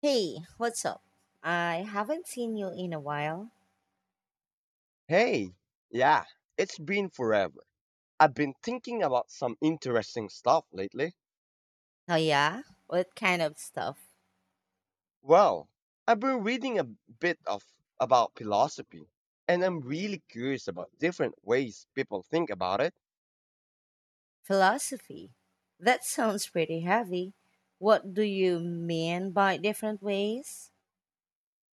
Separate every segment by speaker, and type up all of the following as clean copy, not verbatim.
Speaker 1: Hey, what's up? I haven't seen you in a while.
Speaker 2: Hey, yeah, it's been forever. I've been thinking about some interesting stuff lately.
Speaker 1: Oh, yeah? What kind of stuff?
Speaker 2: Well, I've been reading a bit of about philosophy, and I'm really curious about different ways people think about it.
Speaker 1: Philosophy. That sounds pretty heavy. What do you mean by different ways?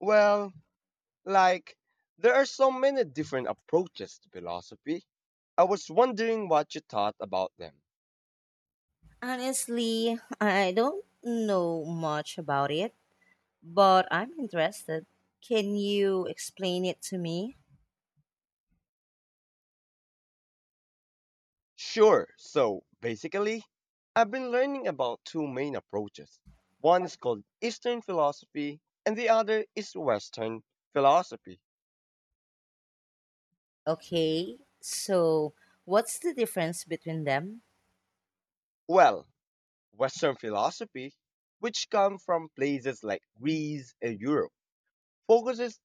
Speaker 2: Well, like there are so many different approaches to philosophy. I was wondering what you thought about them.
Speaker 1: Honestly, I don't know much about it, but I'm interested. Can you explain it to me?
Speaker 2: Sure. So basically, I've been learning about two main approaches. One is called Eastern philosophy, and the other is Western philosophy.
Speaker 1: Okay, so what's the difference between them?
Speaker 2: Well, Western philosophy, which come from places like Greece and Europe, focuses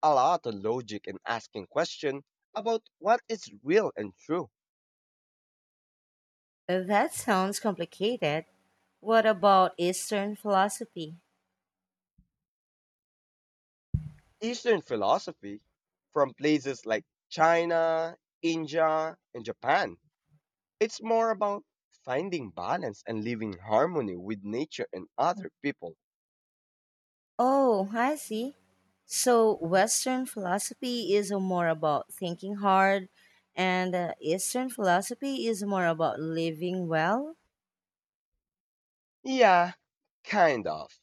Speaker 2: a lot on logic and asking questions about what is real and true.
Speaker 1: That sounds complicated. What about Eastern philosophy?
Speaker 2: Eastern philosophy, from places like China, India, and Japan, it's more about finding balance and living in harmony with nature and other people.
Speaker 1: Oh, I see. So, Western philosophy is more about thinking hard, and Eastern philosophy is more about living well.
Speaker 2: Yeah, kind of.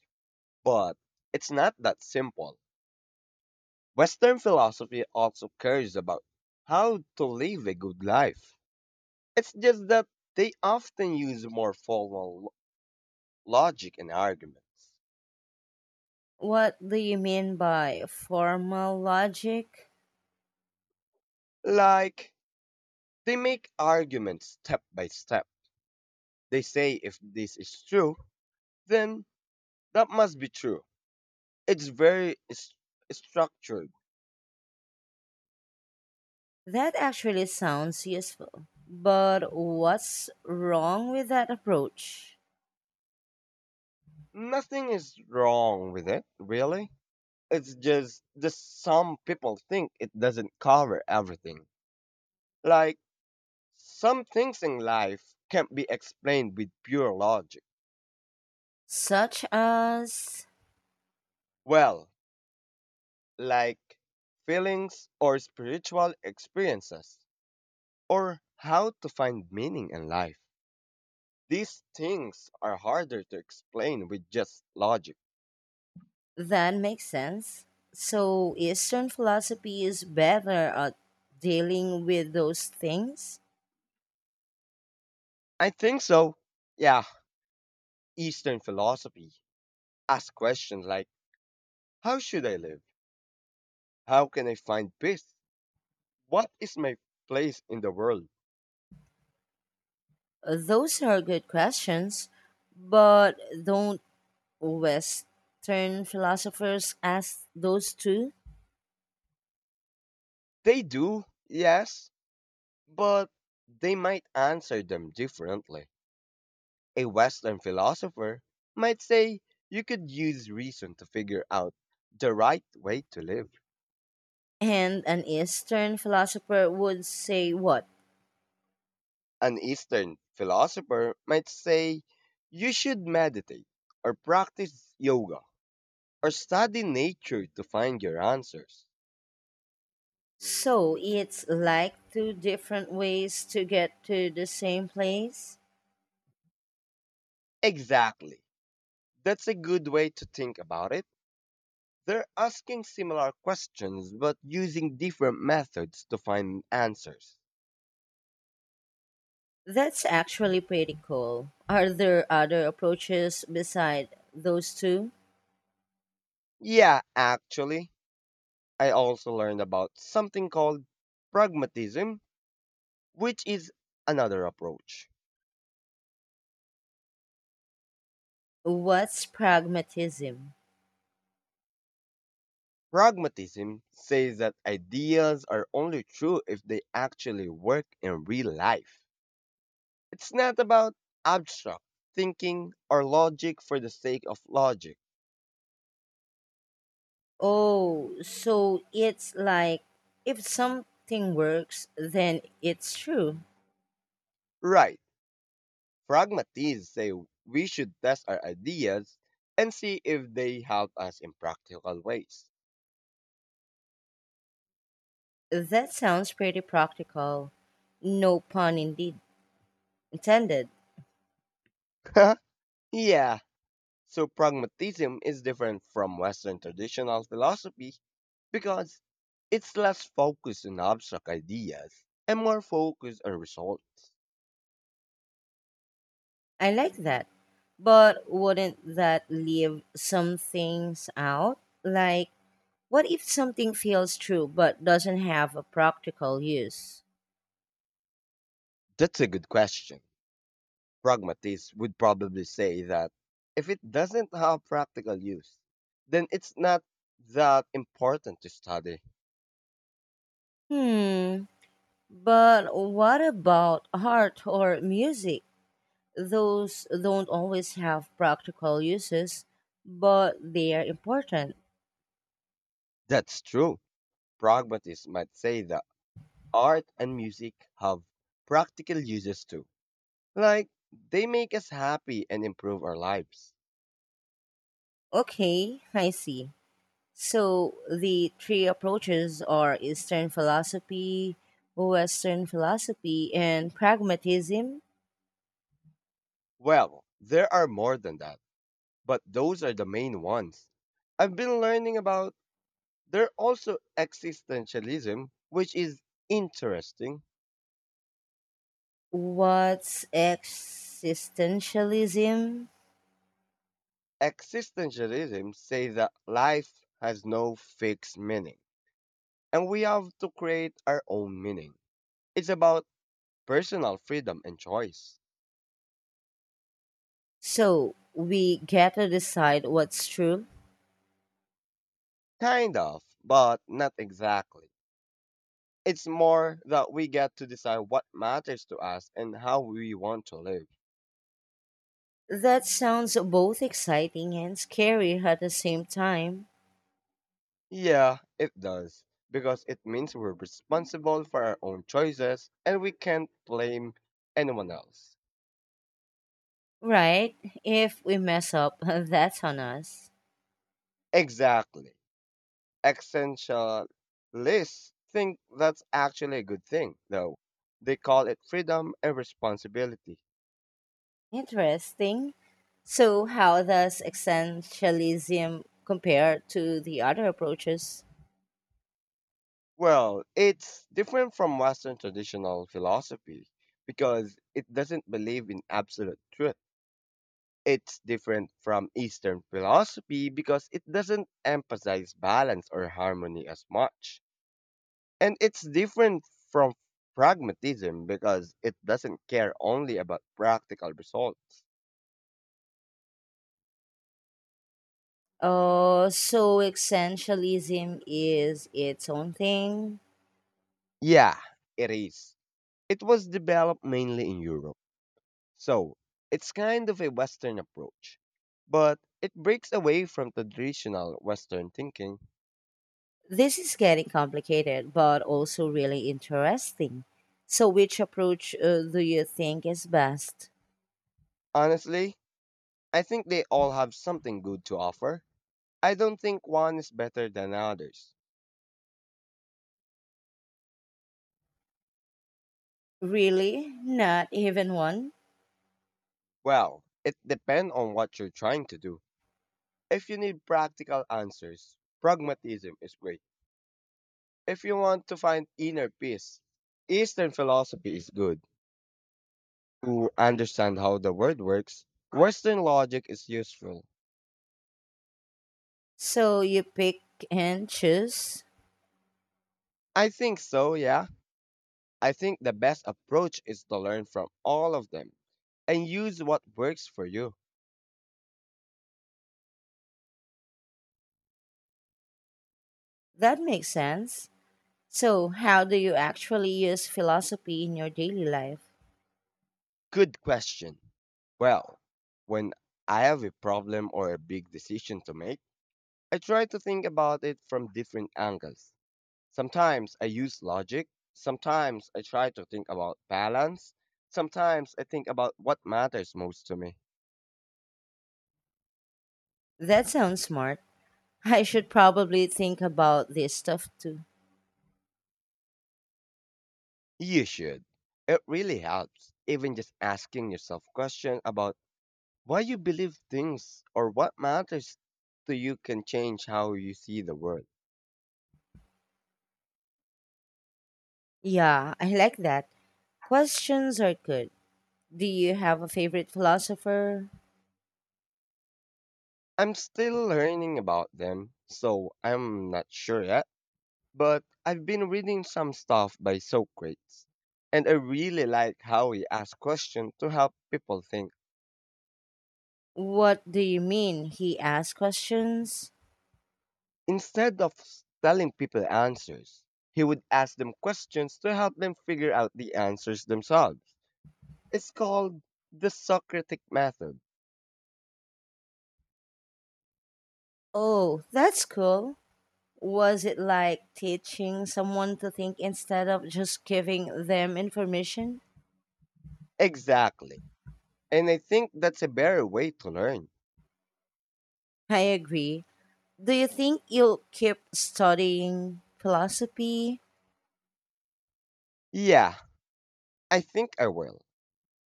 Speaker 2: But it's not that simple. Western philosophy also cares about how to live a good life. It's just that they often use more formal logic and arguments.
Speaker 1: What do you mean by formal logic?
Speaker 2: Like, they make arguments step by step. They say if this is true, then that must be true. It's very structured.
Speaker 1: That actually sounds useful. But what's wrong with that approach?
Speaker 2: Nothing is wrong with it, really. It's just that some people think it doesn't cover everything. Like, some things in life can't be explained with pure logic.
Speaker 1: Such as
Speaker 2: Well, like feelings or spiritual experiences, or how to find meaning in life. These things are harder to explain with just logic.
Speaker 1: that makes sense. So, Eastern philosophy is better at dealing with those things.
Speaker 2: I think so. Yeah, Eastern philosophy asks questions like, how should I live? How can I find peace? What is my place in the world?
Speaker 1: Those are good questions, but don't Western philosophers ask those too?
Speaker 2: They do, yes, but they might answer them differently. A Western philosopher might say you could use reason to figure out the right way to live.
Speaker 1: And an Eastern philosopher would say what?
Speaker 2: An Eastern philosopher might say you should meditate or practice yoga or study nature to find your answers.
Speaker 1: So it's like two different ways to get to the same place?
Speaker 2: Exactly. That's a good way to think about it. They're asking similar questions but using different methods to find answers.
Speaker 1: That's actually pretty cool. Are there other approaches beside those two?
Speaker 2: Yeah, actually, I also learned about something called pragmatism, which is another approach.
Speaker 1: What's pragmatism?
Speaker 2: Pragmatism says that ideas are only true if they actually work in real life. It's not about abstract thinking or logic for the sake of logic.
Speaker 1: Oh, so it's like if something works, then it's true.
Speaker 2: Right. Pragmatists say we should test our ideas and see if they help us in practical ways.
Speaker 1: That sounds pretty practical. No pun indeed intended.
Speaker 2: Yeah, so pragmatism is different from Western traditional philosophy because it's less focused on abstract ideas and more focused on results.
Speaker 1: I like that. But wouldn't that leave some things out? Like, what if something feels true but doesn't have a practical use?
Speaker 2: That's a good question. Pragmatists would probably say that if it doesn't have practical use, then it's not that important to study.
Speaker 1: Hmm. But what about art or music? Those don't always have practical uses, but they are important.
Speaker 2: That's true. Pragmatists might say that art and music have practical uses too, like they make us happy and improve our lives.
Speaker 1: Okay, I see. So the three approaches are Eastern philosophy, Western philosophy, and pragmatism.
Speaker 2: Well, there are more than that, but those are the main ones. I've been learning about there also existentialism, which is interesting.
Speaker 1: What's existentialism?
Speaker 2: Existentialism say that life has no fixed meaning, and we have to create our own meaning. It's about personal freedom and choice.
Speaker 1: So we get to decide what's true.
Speaker 2: Kind of, but not exactly. It's more that we get to decide what matters to us and how we want to live.
Speaker 1: That sounds both exciting and scary at the same time.
Speaker 2: Yeah, it does. Because it means we're responsible for our own choices and we can't blame anyone else.
Speaker 1: Right. If we mess up, that's on us.
Speaker 2: Exactly. Essentialists think that's actually a good thing, though. They call it freedom and responsibility.
Speaker 1: Interesting. So, how does essentialism compare to the other approaches?
Speaker 2: Well, it's different from Western traditional philosophy because it doesn't believe in absolute truth. It's different from Eastern philosophy because it doesn't emphasize balance or harmony as much. And it's different from pragmatism because it doesn't care only about practical results.
Speaker 1: So, essentialism is its own thing.
Speaker 2: Yeah, it is. It was developed mainly in Europe. So it's kind of a Western approach, but it breaks away from traditional Western thinking.
Speaker 1: This is getting complicated, but also really interesting. So, which approach do you think is best?
Speaker 2: Honestly, I think they all have something good to offer. I don't think one is better than others.
Speaker 1: Really? Not even one?
Speaker 2: Well, it depends on what you're trying to do. If you need practical answers, pragmatism is great. If you want to find inner peace, Eastern philosophy is good. To understand how the world works, Western logic is useful.
Speaker 1: So, you pick and choose?
Speaker 2: I think so, yeah. I think the best approach is to learn from all of them and use what works for you.
Speaker 1: That makes sense. So, how do you actually use philosophy in your daily life?
Speaker 2: Good question. Well, when I have a problem or a big decision to make, I try to think about it from different angles. Sometimes I use logic, sometimes I try to think about balance, sometimes I think about what matters most to me.
Speaker 1: That sounds smart. I should probably think about this stuff too.
Speaker 2: You should. It really helps, even just asking yourself questions about why you believe things or what matters to you can change how you see the world.
Speaker 1: Yeah, I like that. Questions are good. Do you have a favorite philosopher?
Speaker 2: I'm still learning about them, so I'm not sure yet, but I've been reading some stuff by Socrates, and I really like how he asks questions to help people think.
Speaker 1: What do you mean he asked questions?
Speaker 2: Instead of telling people answers, he would ask them questions to help them figure out the answers themselves. It's called the Socratic method.
Speaker 1: Oh, that's cool. Was it like teaching someone to think instead of just giving them information?
Speaker 2: Exactly. And I think that's a better way to learn.
Speaker 1: I agree. Do you think you'll keep studying philosophy?
Speaker 2: Yeah, I think I will.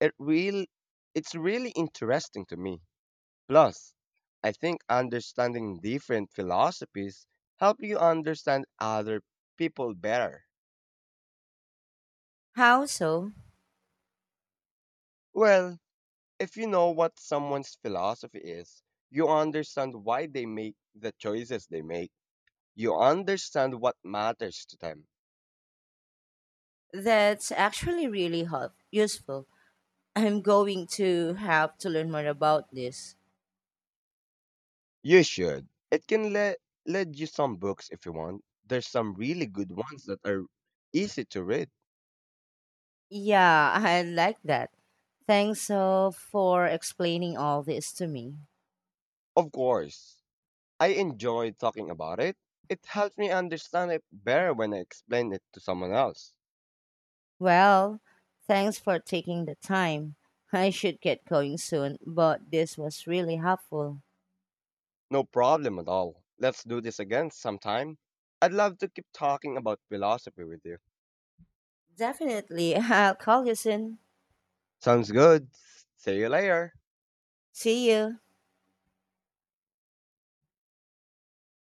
Speaker 2: It really, it's really interesting to me. Plus, I think understanding different philosophies help you understand other people better.
Speaker 1: How so?
Speaker 2: Well, if you know what someone's philosophy is, you understand why they make the choices they make. You understand what matters to them.
Speaker 1: That's actually really help- useful. I'm going to have to learn more about this.
Speaker 2: You should. It can lead you some books if you want. There's some really good ones that are easy to read.
Speaker 1: Yeah, I like that. Thanks so for explaining all this to me.
Speaker 2: Of course, I enjoy talking about it. It helps me understand it better when I explain it to someone else.
Speaker 1: Well, thanks for taking the time. I should get going soon, but this was really helpful.
Speaker 2: No problem at all. Let's do this again sometime. I'd love to keep talking about philosophy with you.
Speaker 1: Definitely, I'll call you soon.
Speaker 2: Sounds good. See you later.
Speaker 1: See you.